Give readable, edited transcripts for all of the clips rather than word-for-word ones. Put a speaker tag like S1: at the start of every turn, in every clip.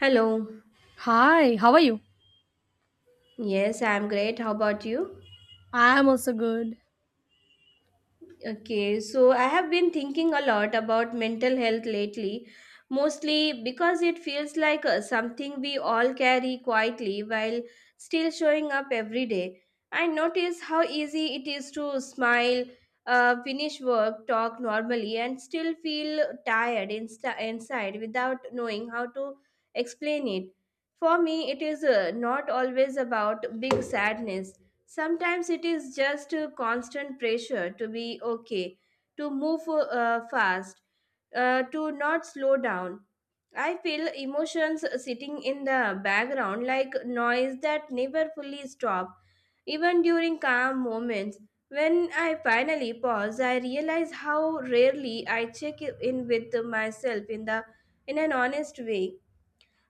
S1: Hello.
S2: Hi, how are you?
S1: Yes, I'm great. How about you?
S2: I am also good.
S1: Okay, so I have been thinking a lot about mental health lately, mostly because it feels like something we all carry quietly while still showing up every day. I notice how easy it is to smile, finish work, talk normally, and still feel inside without knowing how to explain it. For me, it is not always about big sadness. Sometimes it is just a constant pressure to be okay, to move fast, to not slow down. I feel emotions sitting in the background like noise that never fully stop. Even during calm moments, when I finally pause, I realize how rarely I check in with myself in an honest way.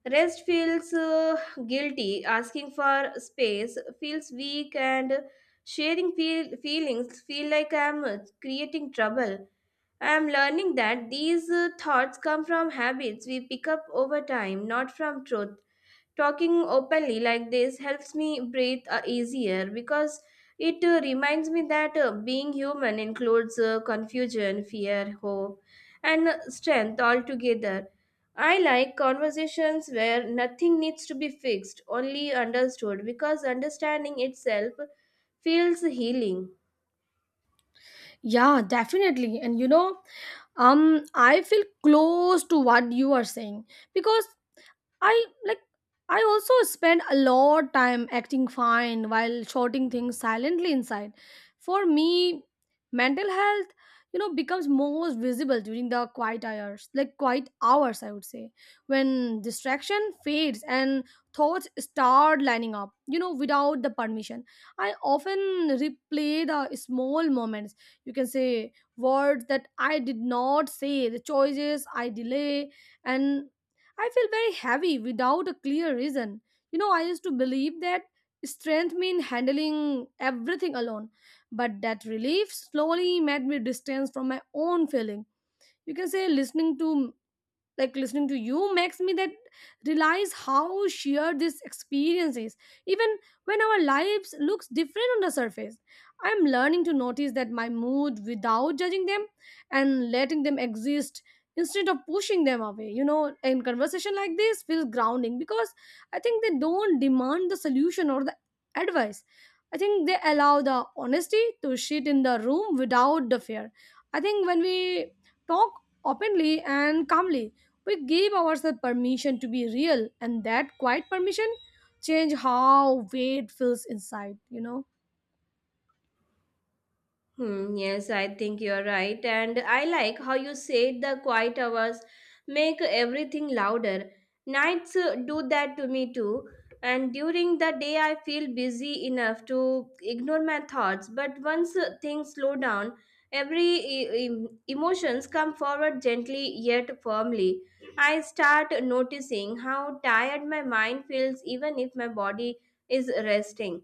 S1: Rest feels guilty, asking for space feels weak, and feelings feel like I'm creating trouble. I'm learning that these thoughts come from habits we pick up over time, not from truth. Talking openly like this helps me breathe easier because it reminds me that being human includes confusion, fear, hope, and strength all together. I like conversations where nothing needs to be fixed, only understood, because understanding itself feels healing.
S2: Yeah, definitely. And I feel close to what you are saying because I like I also spend a lot time acting fine while shouting things silently inside. For me, mental health, becomes most visible during the quiet hours, like quiet hours, I would say, when distraction fades and thoughts start lining up, without the permission. I often replay the small moments. You can say words that I did not say, the choices I delay, and I feel very heavy without a clear reason. I used to believe that strength mean handling everything alone, but that relief slowly made me distance from my own feeling. You can say listening to you makes me that realize how sheer this experience is, even when our lives looks different on the surface. I'm learning to notice that my mood without judging them, and letting them exist instead of pushing them away. In conversation like this feels grounding because I think they don't demand the solution or the advice. I think they allow the honesty to sit in the room without the fear. I think when we talk openly and calmly, we gave ourselves permission to be real, and that quiet permission changed how weight feels inside.
S1: Hmm, yes, I think you're right. And I like how you said the quiet hours make everything louder. Nights do that to me too. And during the day, I feel busy enough to ignore my thoughts. But once things slow down, emotions come forward gently yet firmly. I start noticing how tired my mind feels, even if my body is resting.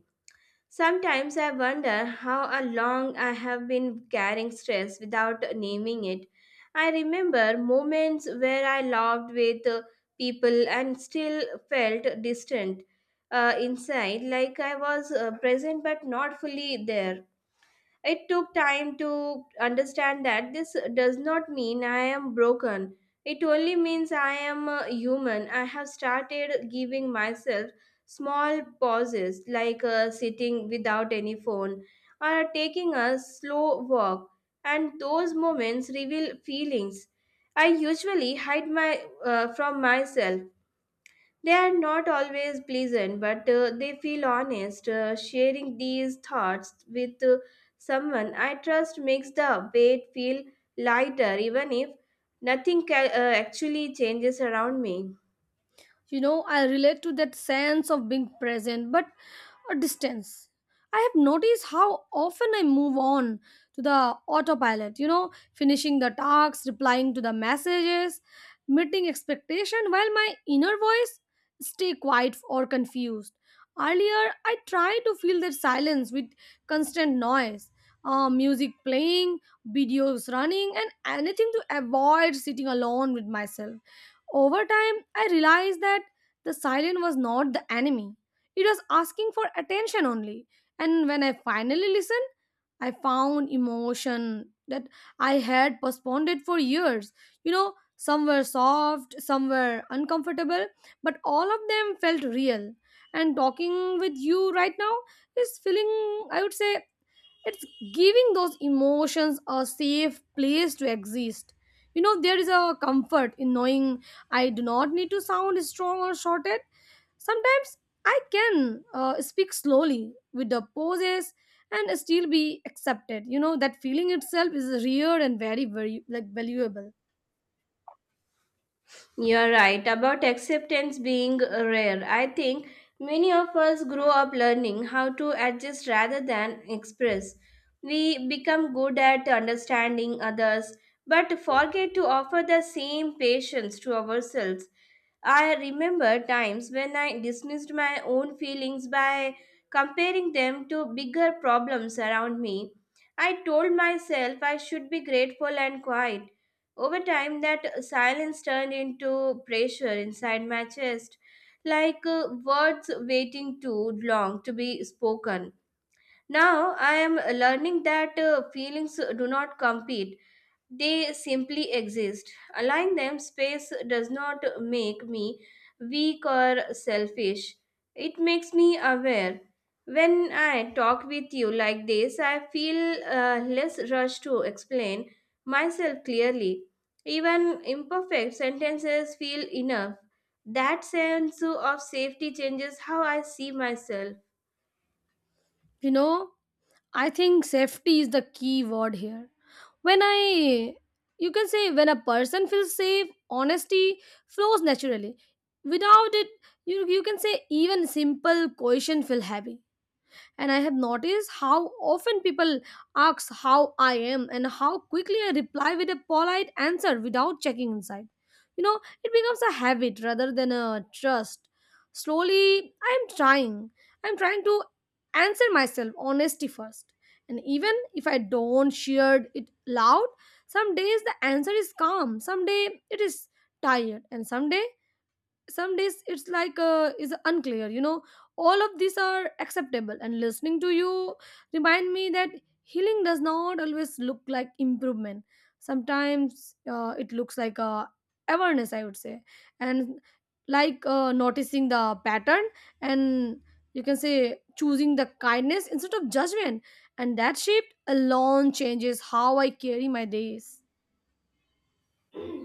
S1: Sometimes I wonder how a long I have been carrying stress without naming it. I remember moments where I loved with people and still felt distant inside, like I was present but not fully there. It took time to understand that this does not mean I am broken. It only means I am a human. I have started giving myself small pauses, like sitting without any phone or taking a slow walk. And those moments reveal feelings I usually hide from myself. They are not always pleasant, but they feel honest. Sharing these thoughts with someone I trust makes the weight feel lighter, even if nothing actually changes around me.
S2: I relate to that sense of being present but a distance. I have noticed how often I move on to the autopilot, finishing the tasks, replying to the messages, meeting expectation while my inner voice stay quiet or confused. Earlier I tried to fill that silence with constant noise, music playing, videos running, and anything to avoid sitting alone with myself. Over time, I realized that the silent was not the enemy. It was asking for attention only. And when I finally listened, I found emotion that I had postponed it for years. Some were soft, some were uncomfortable, but all of them felt real. And talking with you right now is feeling, I would say, it's giving those emotions a safe place to exist. There is a comfort in knowing I do not need to sound strong or shorted. Sometimes I can speak slowly with the poses and still be accepted. That feeling itself is rare and very very like valuable.
S1: You're right about acceptance being rare. I think many of us grow up learning how to adjust rather than express. We become good at understanding others, but forget to offer the same patience to ourselves. I remember times when I dismissed my own feelings by comparing them to bigger problems around me. I told myself I should be grateful and quiet. Over time, that silence turned into pressure inside my chest, like words waiting too long to be spoken. Now I am learning that feelings do not compete, they simply exist. Allowing them space does not make me weak or selfish. It makes me aware. When I talk with you like this, I feel less rushed to explain myself clearly. Even imperfect sentences feel enough. That sense of safety changes how I see myself.
S2: you know I think safety is the key word here. When I, you can say, when a person feels safe, honesty flows naturally. Without it, you can say even simple question feel heavy. And I have noticed how often people ask how I am and how quickly I reply with a polite answer without checking inside. It becomes a habit rather than a trust. Slowly, I'm trying to answer myself honesty first. And even if I don't share it loud, some days the answer is calm, some day it is tired, and some days it's like, is unclear. All of these are acceptable, and listening to you remind me that healing does not always look like improvement. Sometimes it looks like awareness, I would say. And like noticing the pattern. And you can say choosing the kindness instead of judgment. And that shift alone changes how I carry my days.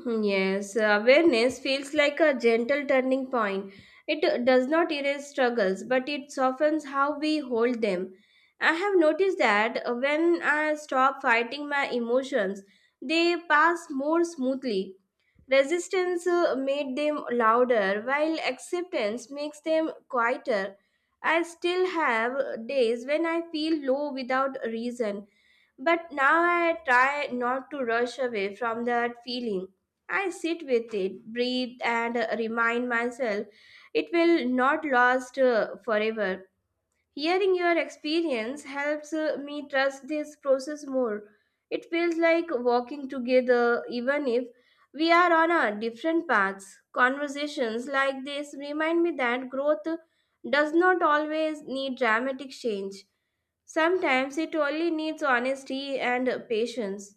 S1: Yes, awareness feels like a gentle turning point. It does not erase struggles, but it softens how we hold them. I have noticed that when I stop fighting my emotions, they pass more smoothly. Resistance made them louder, while acceptance makes them quieter. I still have days when I feel low without reason, but now I try not to rush away from that feeling. I sit with it, breathe, and remind myself it will not last forever. Hearing your experience helps me trust this process more. It feels like walking together, even if we are on our different paths. Conversations like this remind me that growth does not always need dramatic change. Sometimes it only needs honesty and patience.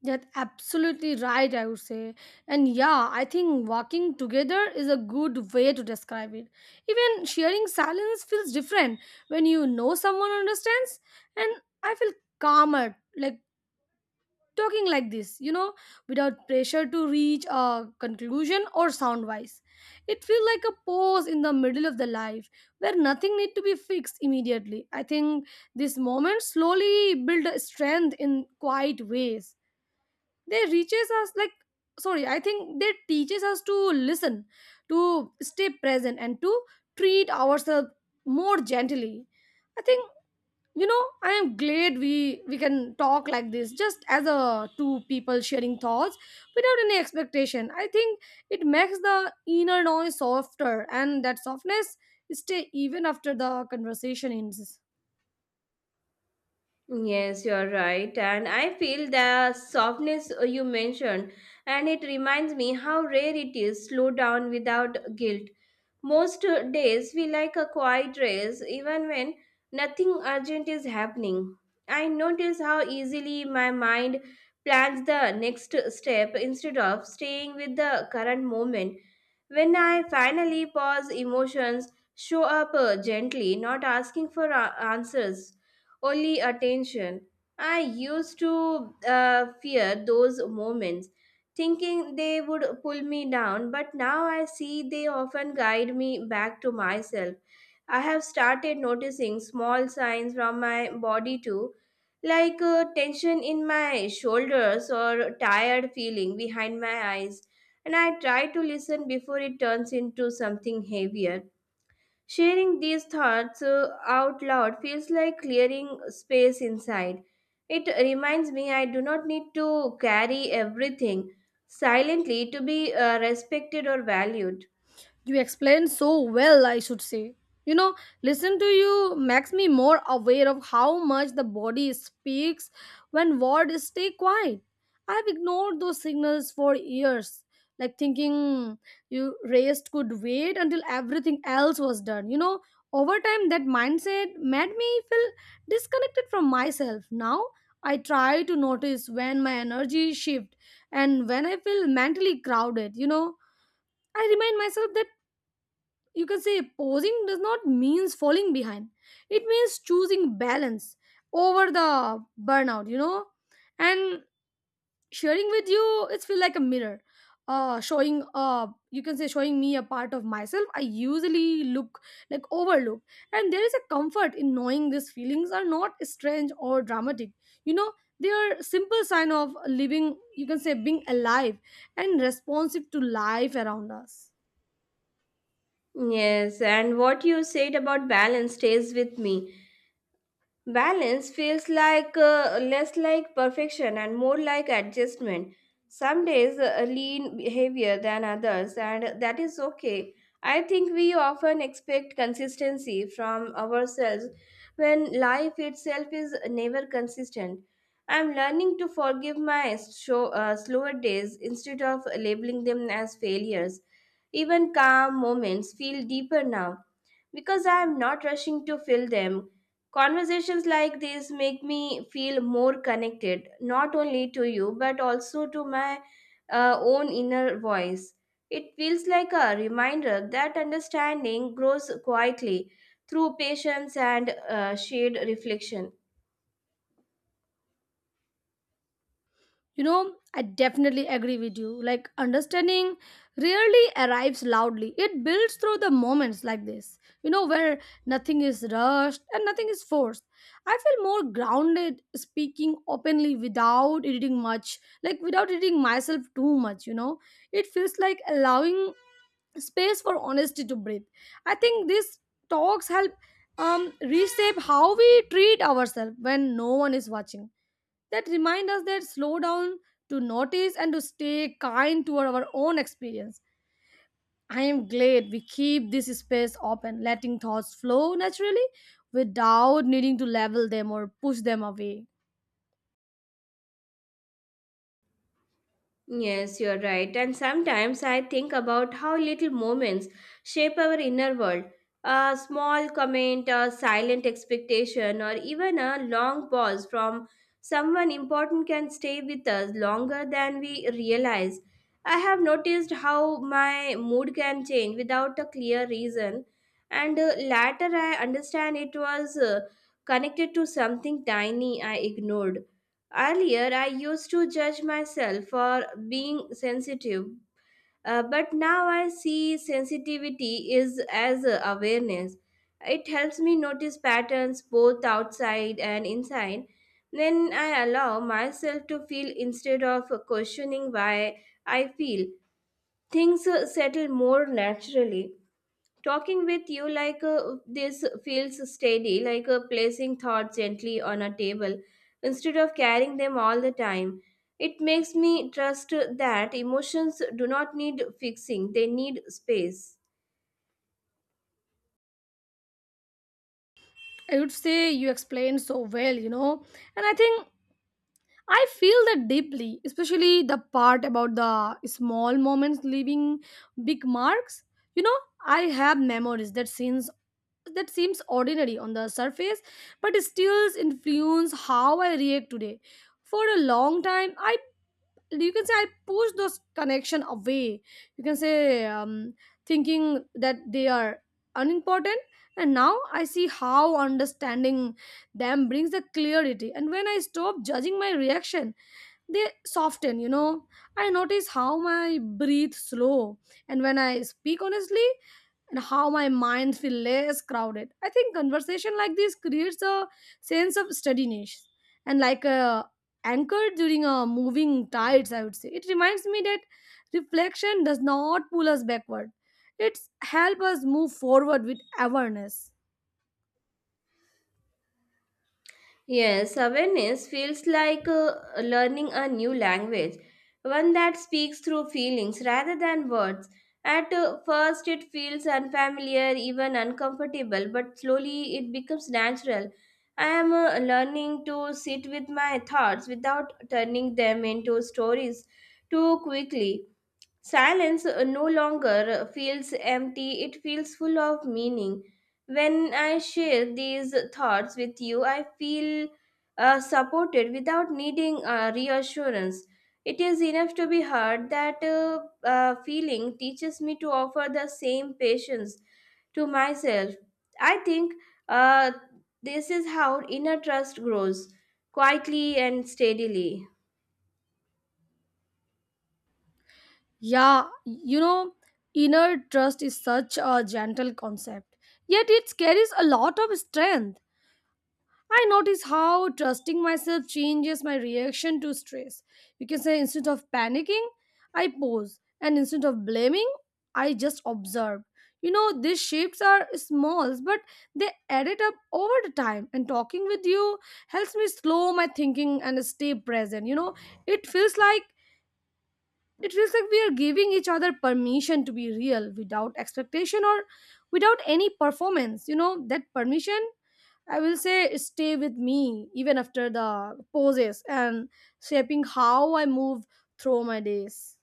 S2: That's absolutely right, I would say. And yeah, I think walking together is a good way to describe it. Even sharing silence feels different when you know someone understands. And I feel calmer, like talking like this, without pressure to reach a conclusion or sound wise. It feels like a pause in the middle of the life where nothing need to be fixed immediately. I think this moment slowly build strength in quiet ways. They reaches us like Sorry, I think they teaches us to listen, to stay present, and to treat ourselves more gently. I think, I am glad we can talk like this just as a two people sharing thoughts without any expectation. I think it makes the inner noise softer, and that softness stay even after the conversation ends.
S1: Yes, you're right. And I feel the softness you mentioned, and it reminds me how rare it is slow down without guilt. Most days we like a quiet race even when nothing urgent is happening. I notice how easily my mind plans the next step instead of staying with the current moment. When I finally pause, emotions show up gently, not asking for answers, only attention. I used to fear those moments thinking they would pull me down, but now I see they often guide me back to myself. I have started noticing small signs from my body too, like tension in my shoulders or tired feeling behind my eyes, and I try to listen before it turns into something heavier. Sharing these thoughts out loud feels like clearing space inside. It reminds me I do not need to carry everything silently to be respected or valued.
S2: You explain so well, I should say. You know, Listen to you makes me more aware of how much the body speaks when words stay quiet. I've ignored those signals for years, like thinking you rest could wait until everything else was done. Over time, that mindset made me feel disconnected from myself. Now, I try to notice when my energy shifts and when I feel mentally crowded. I remind myself that you can say posing does not means falling behind. It means choosing balance over the burnout. And sharing with you, it's feel like a mirror, showing, uh you can say showing me a part of myself I usually look like overlook. And there is a comfort in knowing these feelings are not strange or dramatic. you know they are simple sign of living. You can say being alive and responsive to life around us.
S1: Yes, and what you said about balance stays with me. Balance feels like less like perfection and more like adjustment. Some days lean behavior than others, and that is okay. I think we often expect consistency from ourselves when life itself is never consistent. I'm learning to forgive my slower days instead of labeling them as failures. Even calm moments feel deeper now because I am not rushing to fill them. Conversations like these make me feel more connected, not only to you, but also to my own inner voice. It feels like a reminder that understanding grows quietly through patience and shared reflection.
S2: I definitely agree with you. Like, understanding rarely arrives loudly, it builds through the moments like this, where nothing is rushed and nothing is forced. I feel more grounded speaking openly without editing much, like, without editing myself too much. It feels like allowing space for honesty to breathe. I think these talks help reshape how we treat ourselves when no one is watching. That remind us that slow down to notice and to stay kind toward our own experience. I am glad we keep this space open, letting thoughts flow naturally without needing to level them or push them away.
S1: Yes, you're right. And sometimes I think about how little moments shape our inner world. A small comment, a silent expectation, or even a long pause from someone important can stay with us longer than we realize. I have noticed how my mood can change without a clear reason, and later I understand it was connected to something tiny I ignored. Earlier, I used to judge myself for being sensitive, but now I see sensitivity is as a awareness. It helps me notice patterns both outside and inside. Then I allow myself to feel instead of questioning why I feel. Things settle more naturally. Talking with you like this feels steady, like placing thoughts gently on a table instead of carrying them all the time. It makes me trust that emotions do not need fixing, they need space.
S2: I would say you explained so well, you know, and I think I feel that deeply, especially the part about the small moments leaving big marks. You know, I have memories that scenes that seems ordinary on the surface, but still influence how I react today. For a long time, I you can say I push those connection away. You can say thinking that they are unimportant. And now I see how understanding them brings the clarity. And when I stop judging my reaction, they soften. I notice how my breathe slow, and when I speak honestly, and how my mind feel less crowded. I think conversation like this creates a sense of steadiness, and like a anchor during a moving tides, I would say. It reminds me that reflection does not pull us backward. It's help us move forward with awareness.
S1: Yes, awareness feels like learning a new language, one that speaks through feelings rather than words. At first, it feels unfamiliar, even uncomfortable, but slowly it becomes natural. I am learning to sit with my thoughts without turning them into stories too quickly. Silence no longer feels empty, it feels full of meaning. When I share these thoughts with you, I feel supported without needing reassurance. It is enough to be heard. That feeling teaches me to offer the same patience to myself. I think uh, this is how inner trust grows quietly and steadily.
S2: Yeah, inner trust is such a gentle concept, yet it carries a lot of strength. I notice how trusting myself changes my reaction to stress. You can say instead of panicking, I pause, and instead of blaming, I just observe. These shifts are small, but they added up over the time. And talking with you helps me slow my thinking and stay present. It feels like it feels like we are giving each other permission to be real without expectation or without any performance. That permission, I will say, stay with me even after the poses, and shaping how I move through my days.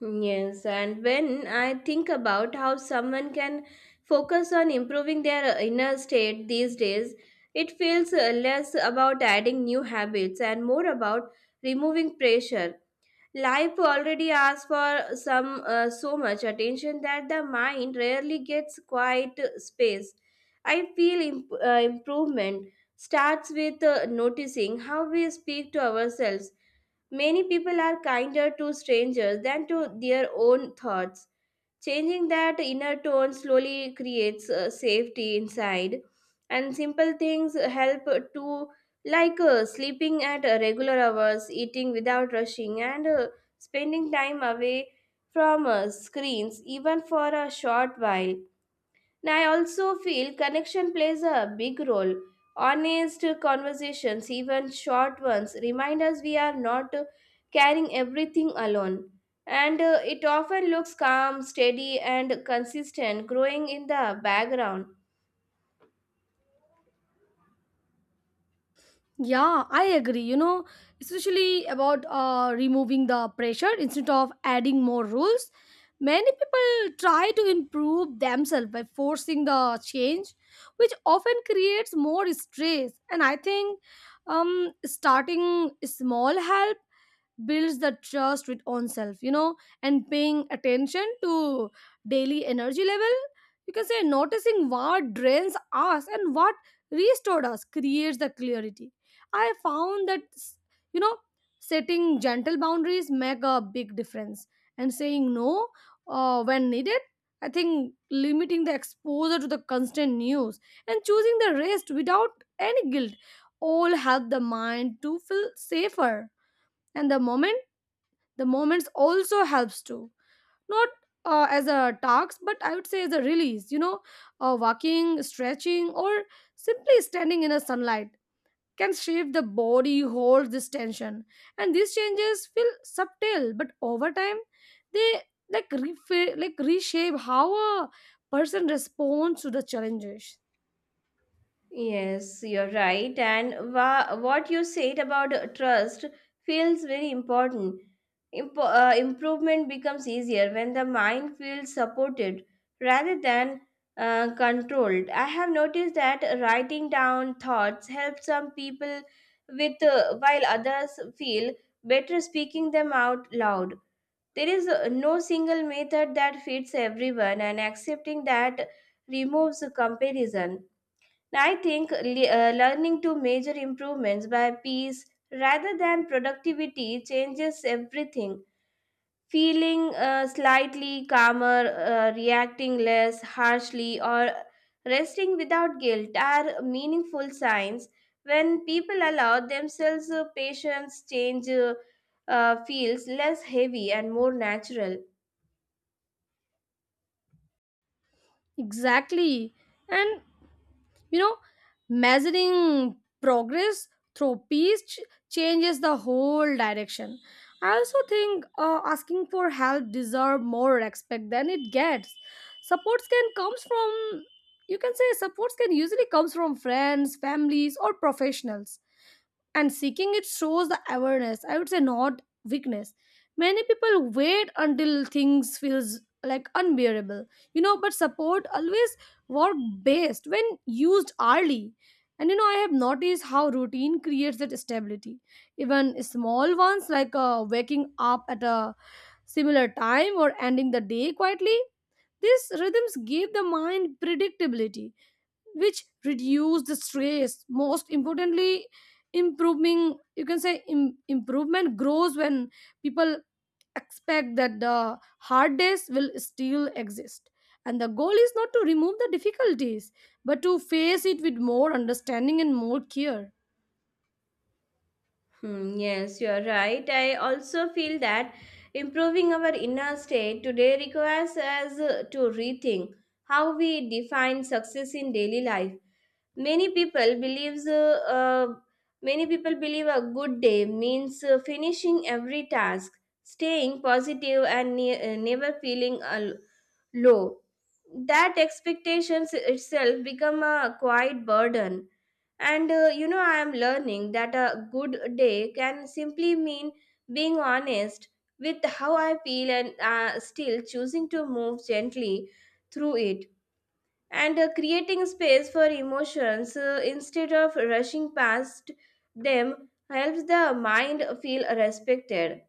S1: Yes, and when I think about how someone can focus on improving their inner state these days, it feels less about adding new habits and more about removing pressure. Life already asks for some so much attention that the mind rarely gets quiet space. I feel improvement starts with noticing how we speak to ourselves. Many people are kinder to strangers than to their own thoughts. Changing that inner tone slowly creates safety inside, and simple things help to, like sleeping at regular hours, eating without rushing, and spending time away from screens, even for a short while. And I also feel connection plays a big role. Honest conversations, even short ones, remind us we are not carrying everything alone. And it often looks calm, steady, and consistent, growing in the background.
S2: Yeah, I agree. Especially about removing the pressure instead of adding more rules. Many people try to improve themselves by forcing the change, which often creates more stress. And I think starting small help builds the trust with own self, you know, and paying attention to daily energy level, you can say noticing what drains us and what restored us creates the clarity. I found that, you know, setting gentle boundaries make a big difference and saying no when needed. I think limiting the exposure to the constant news and choosing the rest without any guilt all help the mind to feel safer. And the moments also helps too, not as a task, but I would say as a release, you know. Uh, Walking, stretching, or simply standing in a sunlight can shape the body holds this tension. And these changes feel subtle, but over time they like reshape how a person responds to the challenges.
S1: Yes, you're right. And what you said about trust feels very important. Improvement becomes easier when the mind feels supported rather than controlled. I have noticed that writing down thoughts helps some people with while others feel better speaking them out loud. There is no single method that fits everyone, and accepting that removes comparison. I think learning to measure improvements by piece rather than productivity changes everything. Feeling slightly calmer, reacting less harshly, or resting without guilt are meaningful signs. When people allow themselves patience, change feels less heavy and more natural.
S2: Exactly. And, you know, measuring progress through changes the whole direction. I also think asking for help deserve more respect than it gets. Supports can comes from You can say supports can usually comes from friends, families, or professionals, and seeking it shows the awareness, I would say, not weakness. Many people wait until things feels like unbearable, you know, but support always work best when used early. And, you know, I have noticed how routine creates that stability, even small ones like waking up at a similar time or ending the day quietly. These rhythms give the mind predictability, which reduce the stress. Most importantly, improving you can say Im- improvement grows when people expect that the hard days will still exist, and the goal is not to remove the difficulties but to face it with more understanding and more care.
S1: Hmm, yes, you are right. I also feel that improving our inner state today requires us to rethink how we define success in daily life. Many people believes uh, uh, Many people believe a good day means finishing every task, staying positive, and never feeling low. That expectations itself become a quiet burden, and I am learning that a good day can simply mean being honest with how I feel, and still choosing to move gently through it, and creating space for emotions instead of rushing past them helps the mind feel respected.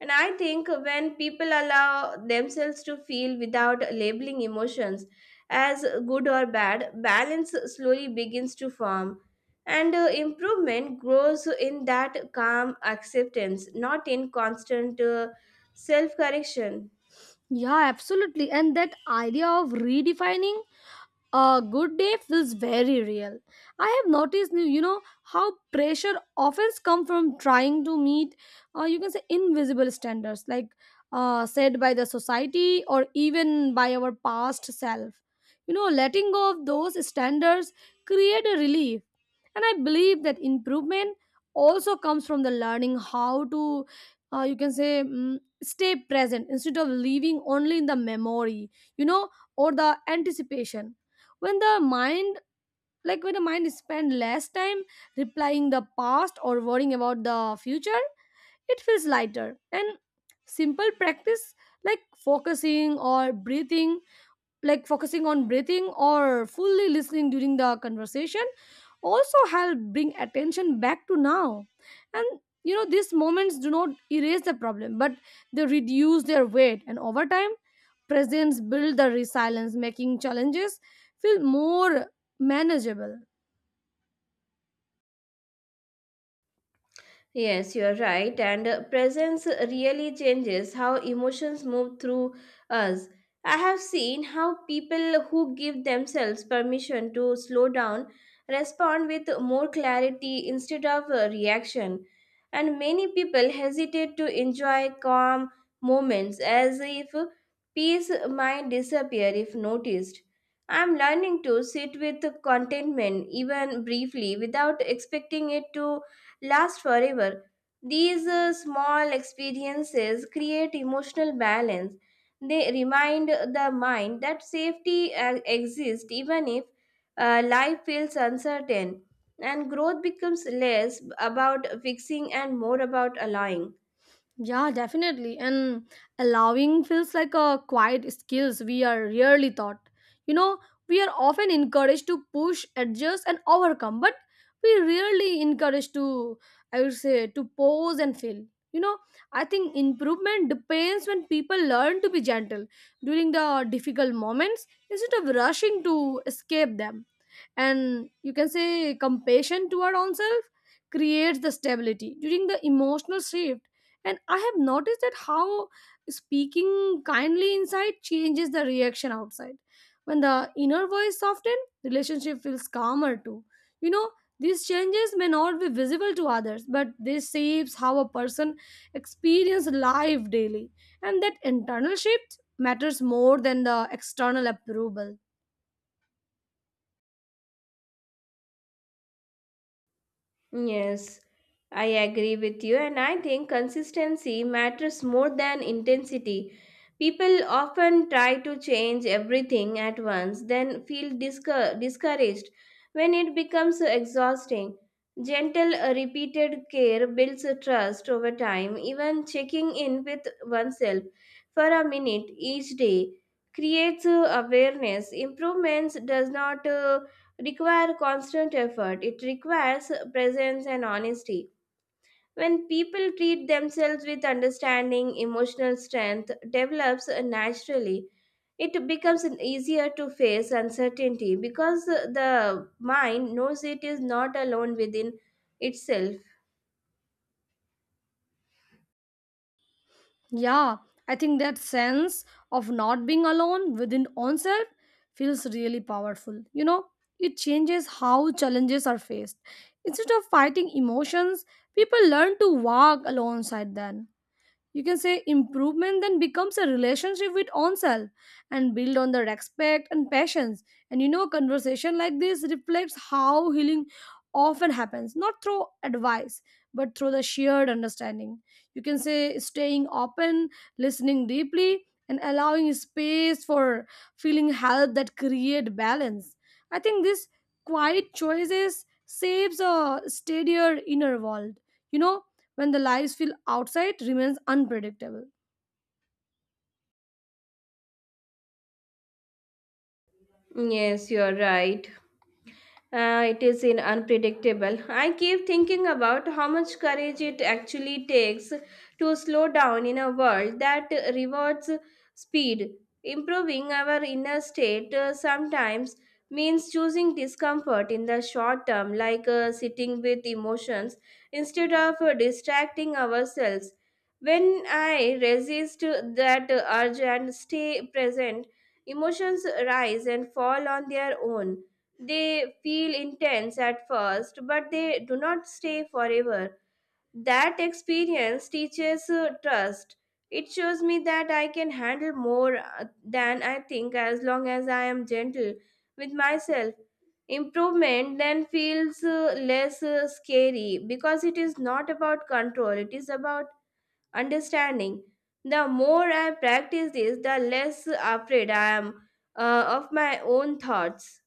S1: And I think when people allow themselves to feel without labeling emotions as good or bad, balance slowly begins to form. And improvement grows in that calm acceptance, not in constant self correction.
S2: Yeah, absolutely. And that idea of redefining a good day feels very real. I have noticed, you know, how pressure often comes from trying to meet, you can say, invisible standards, like said by the society or even by our past self. You know, letting go of those standards create a relief. And I believe that improvement also comes from the learning how to, you can say, stay present instead of living only in the memory, you know, or the anticipation. When the mind, like when the mind spend less time replying the past or worrying about the future, it feels lighter. And simple practice like focusing or breathing like focusing on breathing or fully listening during the conversation also help bring attention back to now. And, you know, these moments do not erase the problem, but they reduce their weight. And over time, presence build the resilience, making challenges feel more manageable.
S1: Yes, you are right. And presence really changes how emotions move through us. I have seen how people who give themselves permission to slow down respond with more clarity instead of reaction. And many people hesitate to enjoy calm moments as if peace might disappear if noticed. I'm learning to sit with contentment even briefly without expecting it to last forever. These small experiences create emotional balance. They remind the mind that safety exists even if life feels uncertain, and growth becomes less about fixing and more about allowing.
S2: Yeah, definitely. And allowing feels like a quiet skills we are rarely taught. You know, we are often encouraged to push, adjust, and overcome, but we rarely encouraged to, I would say, to pause and fail. You know, I think improvement depends when people learn to be gentle during the difficult moments instead of rushing to escape them. And you can say compassion toward oneself creates the stability during the emotional shift. And I have noticed that how speaking kindly inside changes the reaction outside. When the inner voice softens, relationship feels calmer too, you know. These changes may not be visible to others, but they shapes how a person experiences life daily, and that internal shift matters more than the external approval.
S1: Yes, I agree with you, and I think consistency matters more than intensity. People often try to change everything at once, then feel discouraged when it becomes exhausting. Gentle, repeated care builds a trust over time, even checking in with oneself for a minute each day creates awareness. Improvements does not require constant effort. It requires presence and honesty. When people treat themselves with understanding, emotional strength develops naturally. It becomes easier to face uncertainty because the mind knows it is not alone within itself.
S2: Yeah, I think that sense of not being alone within oneself feels really powerful. You know, it changes how challenges are faced. Instead of fighting emotions, people learn to walk alongside them. You can say improvement then becomes a relationship with oneself and build on the respect and patience. And, you know, a conversation like this reflects how healing often happens not through advice but through the shared understanding. You can say staying open, listening deeply, and allowing space for feeling help that create balance. I think this quiet choices saves a steadier inner world, you know, when the lives feel outside remains unpredictable.
S1: Yes, you're right. It is in unpredictable. I keep thinking about how much courage it actually takes to slow down in a world that rewards speed. Improving our inner state sometimes means choosing discomfort in the short term, like sitting with emotions instead of distracting ourselves. When I resist that urge and stay present, emotions rise and fall on their own. They feel intense at first, but they do not stay forever. That experience teaches trust. It shows me that I can handle more than I think as long as I am gentle with myself. Improvement then feels less scary because it is not about control, it is about understanding. The more I practice this, the less afraid I am of my own thoughts.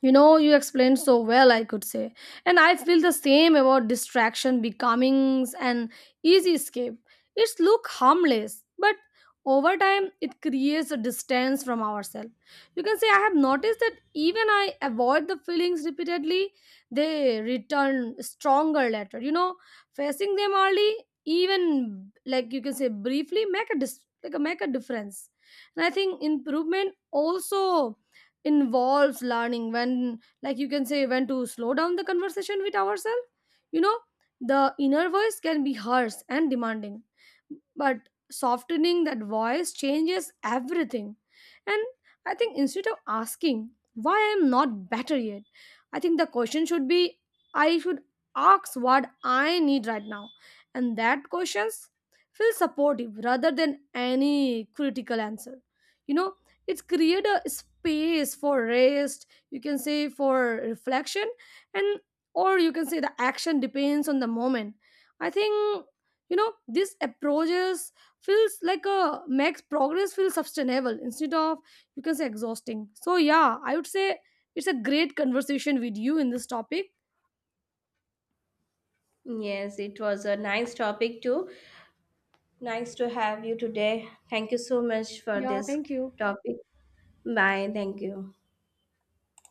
S2: You know, you explained so well, I could say. And I feel the same about distraction becoming an easy escape. It's look harmless, but over time it creates a distance from ourselves. You can say I have noticed that even I avoid the feelings repeatedly, they return stronger later. You know, facing them early, even, like, you can say briefly, make a make a difference. And I think improvement also involves learning when, like you can say, when to slow down the conversation with ourselves, you know. The inner voice can be harsh and demanding, but softening that voice changes everything. And I think instead of asking why I am not better yet, I think the question should be I should ask what I need right now. And that questions feel supportive rather than any critical answer, you know. It's create a space for rest, you can say for reflection, and, or you can say, the action depends on the moment. I think, you know, this approaches feels like a makes progress feel sustainable instead of, you can say, exhausting. So yeah, I would say it's a great conversation with you in this topic.
S1: Yes, it was a nice topic too. Nice to have you today. Thank you so much for
S2: Yeah,
S1: this
S2: thank you.
S1: topic. Bye. Thank you.